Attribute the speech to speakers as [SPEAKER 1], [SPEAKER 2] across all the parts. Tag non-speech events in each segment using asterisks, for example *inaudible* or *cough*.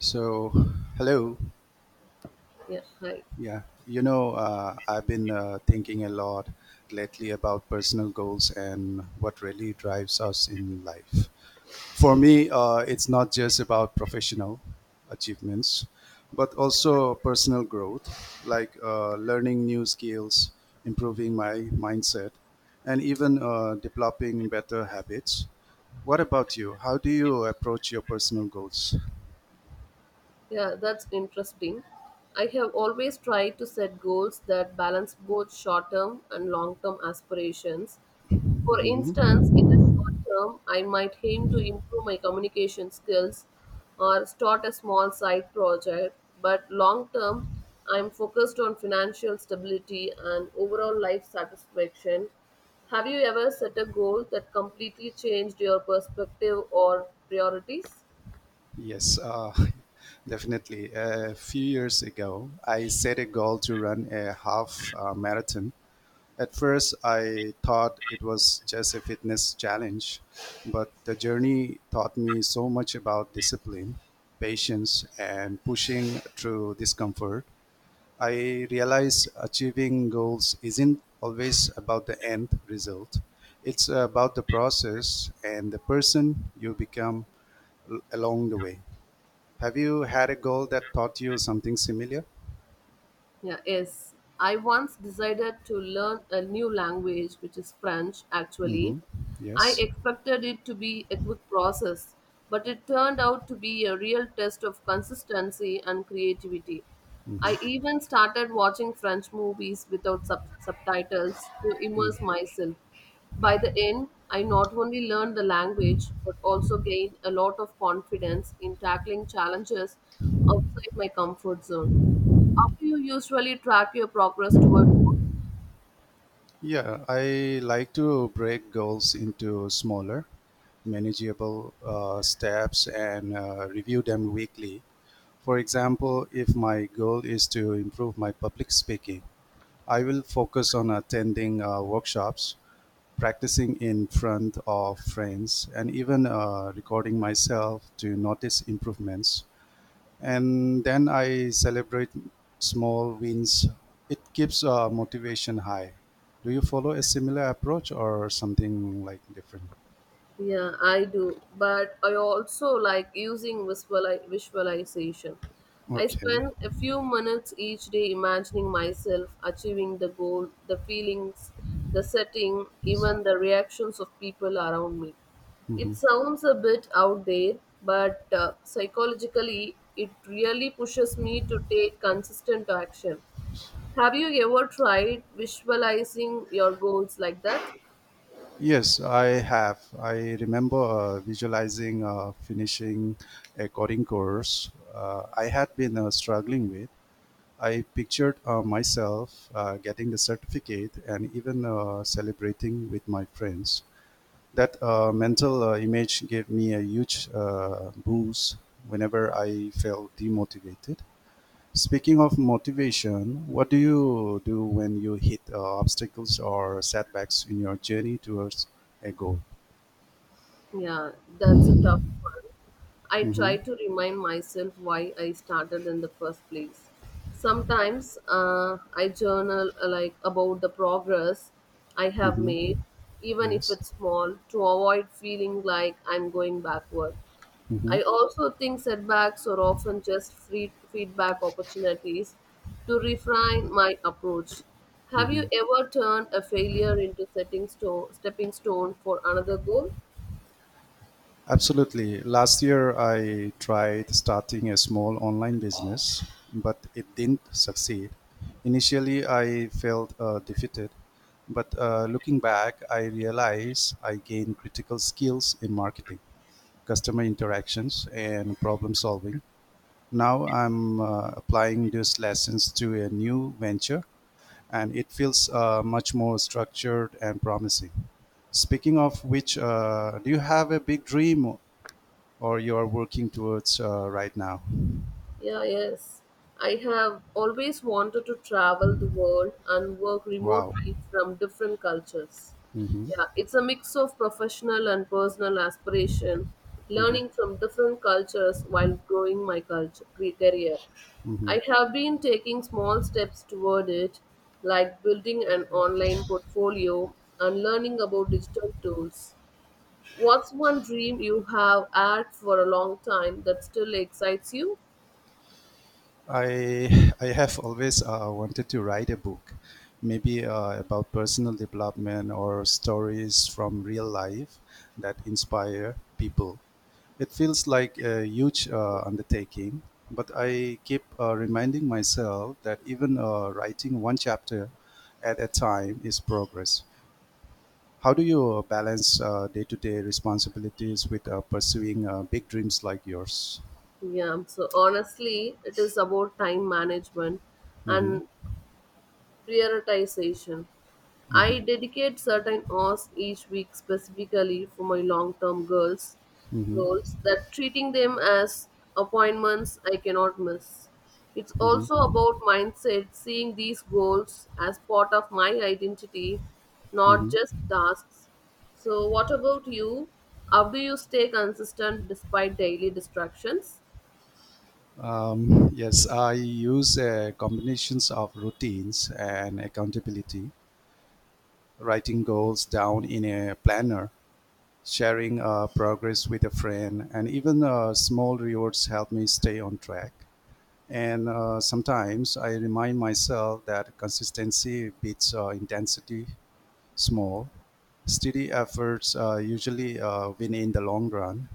[SPEAKER 1] So, hello.
[SPEAKER 2] Yeah, hi.
[SPEAKER 1] I've been thinking a lot lately about personal goals and what really drives us in life. For me, it's not just about professional achievements, but also personal growth, like learning new skills, improving my mindset, and even developing better habits. What about you? How do you approach your personal goals?
[SPEAKER 2] Yeah, that's interesting. I have always tried to set goals that balance both short term and long term aspirations. For
[SPEAKER 1] *laughs*
[SPEAKER 2] instance, in the short term, I might aim to improve my communication skills or start a small side project, but long term, I'm focused on financial stability and overall life satisfaction. Have you ever set a goal that completely changed your perspective or priorities?
[SPEAKER 1] Yes, *laughs* definitely. A few years ago, I set a goal to run a half marathon. At first, I thought it was just a fitness challenge, but the journey taught me so much about discipline, patience, and pushing through discomfort. I realized achieving goals isn't always about the end result, it's about the process and the person you become along the way. Have you had a goal that taught you something similar?
[SPEAKER 2] Yeah, yes. I once decided to learn a new language, which is French actually.
[SPEAKER 1] Mm-hmm.
[SPEAKER 2] I
[SPEAKER 1] Yes.
[SPEAKER 2] expected it to be a quick process, but it turned out to be a real test of consistency and creativity. I even started watching French movies without subtitles to
[SPEAKER 1] Mm.
[SPEAKER 2] immerse myself. By the end, I not only learned the language but also gained a lot of confidence in tackling challenges outside my comfort zone. How do you usually track your progress toward?
[SPEAKER 1] Yeah, I like to break goals into smaller, manageable steps and review them weekly. For example, if my goal is to improve my public speaking, I will focus on attending workshops, practicing in front of friends, and even recording myself to notice improvements. And then I celebrate small wins. It keeps motivation high. Do you follow a similar approach or something like different?
[SPEAKER 2] Yeah, I do, but I also like using visualization. I
[SPEAKER 1] Okay.
[SPEAKER 2] spend a few minutes each day imagining myself achieving the goal, the feelings, the setting, even the reactions of people around me.
[SPEAKER 1] hmm
[SPEAKER 2] It sounds a bit out there, but psychologically, it really pushes me to take consistent action. Have you ever tried visualizing your goals like that?
[SPEAKER 1] Yes, I have. I remember visualizing finishing a coding course I had been struggling with. I pictured myself getting the certificate and even celebrating with my friends. That mental image gave me a huge boost whenever I felt demotivated. Speaking of motivation, what do you do when you hit obstacles or setbacks in your journey towards a goal?
[SPEAKER 2] Yeah, that's a tough one. I
[SPEAKER 1] Mm-hmm.
[SPEAKER 2] try to remind myself why I started in the first place. Sometimes I journal like about the progress I have
[SPEAKER 1] Mm-hmm.
[SPEAKER 2] made, even if
[SPEAKER 1] Yes.
[SPEAKER 2] it's small, to avoid feeling like I'm going backward.
[SPEAKER 1] Mm-hmm.
[SPEAKER 2] I also think setbacks are often just free feedback opportunities to refine my approach. Have you
[SPEAKER 1] Mm-hmm.
[SPEAKER 2] ever turned a failure into stepping stone for another goal?
[SPEAKER 1] Absolutely. Last year, I tried starting a small online business, but it didn't succeed. Initially, I felt defeated, but looking back, I realized I gained critical skills in marketing, customer interactions, and problem solving. Now I'm applying these lessons to a new venture, and it feels much more structured and promising. Speaking of which, do you have a big dream or you are working towards right now?
[SPEAKER 2] Yeah, yes. I have always wanted to travel the world and work
[SPEAKER 1] Wow.
[SPEAKER 2] remotely from different cultures.
[SPEAKER 1] hmm
[SPEAKER 2] Yeah, it's a mix of professional and personal aspiration, learning from different cultures while growing my career.
[SPEAKER 1] hmm
[SPEAKER 2] I have been taking small steps toward it, like building an online portfolio and learning about digital tools. What's one dream you have had for a long time that still excites you?
[SPEAKER 1] I have always wanted to write a book, maybe about personal development or stories from real life that inspire people. It feels like a huge undertaking, but I keep reminding myself that even writing one chapter at a time is progress. How do you balance day-to-day responsibilities with pursuing big dreams like yours?
[SPEAKER 2] Yeah, so honestly, it is about time management
[SPEAKER 1] hmm
[SPEAKER 2] and prioritization. I
[SPEAKER 1] hmm
[SPEAKER 2] dedicate certain hours each week specifically for my long-term goals,
[SPEAKER 1] hmm
[SPEAKER 2] goals that treating them as appointments I cannot miss. It's
[SPEAKER 1] hmm
[SPEAKER 2] also about mindset, seeing these goals as part of my identity, not
[SPEAKER 1] hmm
[SPEAKER 2] just tasks. So what about you? How do you stay consistent despite daily distractions?
[SPEAKER 1] yes, I use combinations of routines and accountability, writing goals down in a planner, sharing progress with a friend, and even small rewards help me stay on track. And sometimes I remind myself that consistency beats intensity small steady efforts usually win in the long run.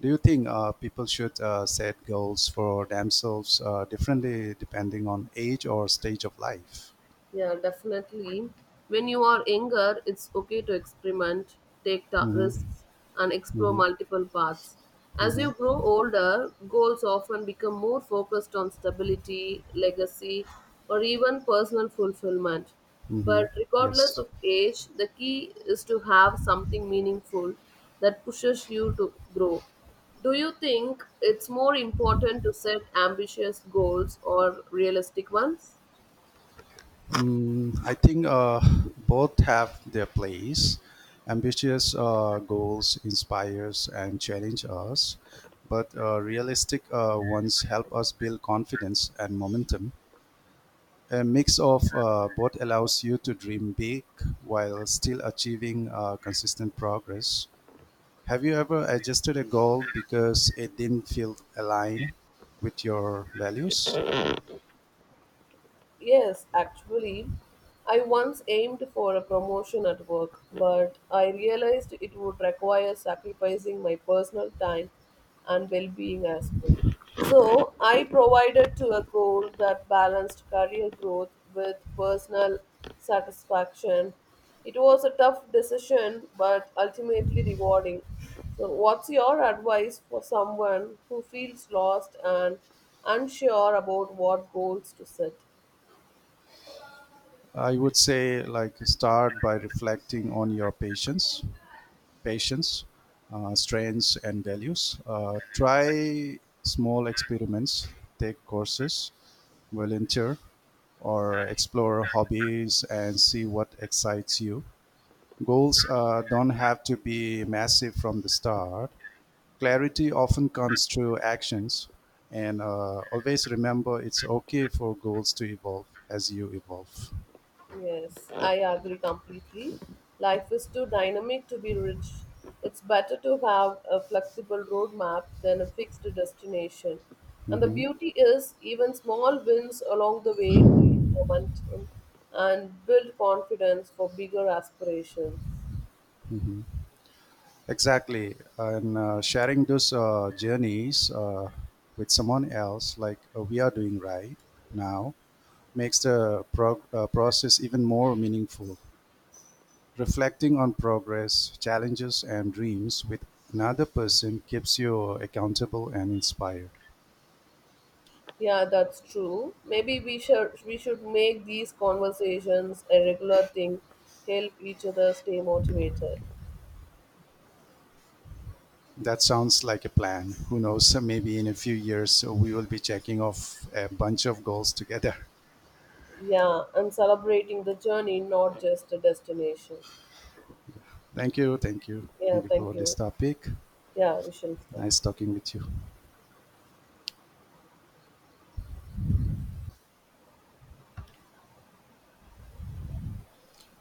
[SPEAKER 1] Do you think people should set goals for themselves differently depending on age or stage of life?
[SPEAKER 2] Yeah, definitely. When you are younger, it's okay to experiment,
[SPEAKER 1] hmm
[SPEAKER 2] risks, and explore
[SPEAKER 1] hmm
[SPEAKER 2] multiple paths. As you
[SPEAKER 1] hmm
[SPEAKER 2] grow older, goals often become more focused on stability, legacy, or even personal fulfillment.
[SPEAKER 1] hmm
[SPEAKER 2] But regardless
[SPEAKER 1] Yes.
[SPEAKER 2] of age, the key is to have something meaningful that pushes you to grow. Do you think it's more important to set ambitious goals or realistic ones?
[SPEAKER 1] I think both have their place. Ambitious goals inspires and challenge us, but realistic ones help us build confidence and momentum. A mix of both allows you to dream big while still achieving consistent progress. Have you ever adjusted a goal because it didn't feel aligned with your values?
[SPEAKER 2] Yes, actually, I once aimed for a promotion at work, but I realized it would require sacrificing my personal time and well being as well. So, I provided to a goal that balanced career growth with personal satisfaction. It was a tough decision, but ultimately rewarding. So, what's your advice for someone who feels lost and unsure about what goals to set?
[SPEAKER 1] I would say, like, start by reflecting on your patience, strengths, and values. Try small experiments, take courses, volunteer, or explore hobbies and see what excites you. Goals don't have to be massive from the start. Clarity often comes through actions, and always remember it's okay for goals to evolve as you evolve.
[SPEAKER 2] Yes, I agree completely. Life is too dynamic to be rigid. It's better to have a flexible roadmap than a fixed destination. And the
[SPEAKER 1] Mhm,
[SPEAKER 2] beauty is, even small wins along the way create momentum and build confidence for bigger aspirations.
[SPEAKER 1] mhm. Exactly, and sharing those journeys with someone else, like we are doing right now, makes the process even more meaningful. Reflecting on progress, challenges, and dreams with another person keeps you accountable and inspired.
[SPEAKER 2] Yeah, that's true. Maybe we should make these conversations a regular thing, help each other stay motivated.
[SPEAKER 1] That sounds like a plan. Who knows? *laughs* Maybe in a few years we will be checking off a bunch of goals together.
[SPEAKER 2] Yeah, and celebrating the journey, not just a destination.
[SPEAKER 1] *laughs* Thank you.
[SPEAKER 2] Yeah,
[SPEAKER 1] Thank you
[SPEAKER 2] thank
[SPEAKER 1] for this
[SPEAKER 2] you.
[SPEAKER 1] topic.
[SPEAKER 2] Yeah, we shall stop.
[SPEAKER 1] Nice talking with you.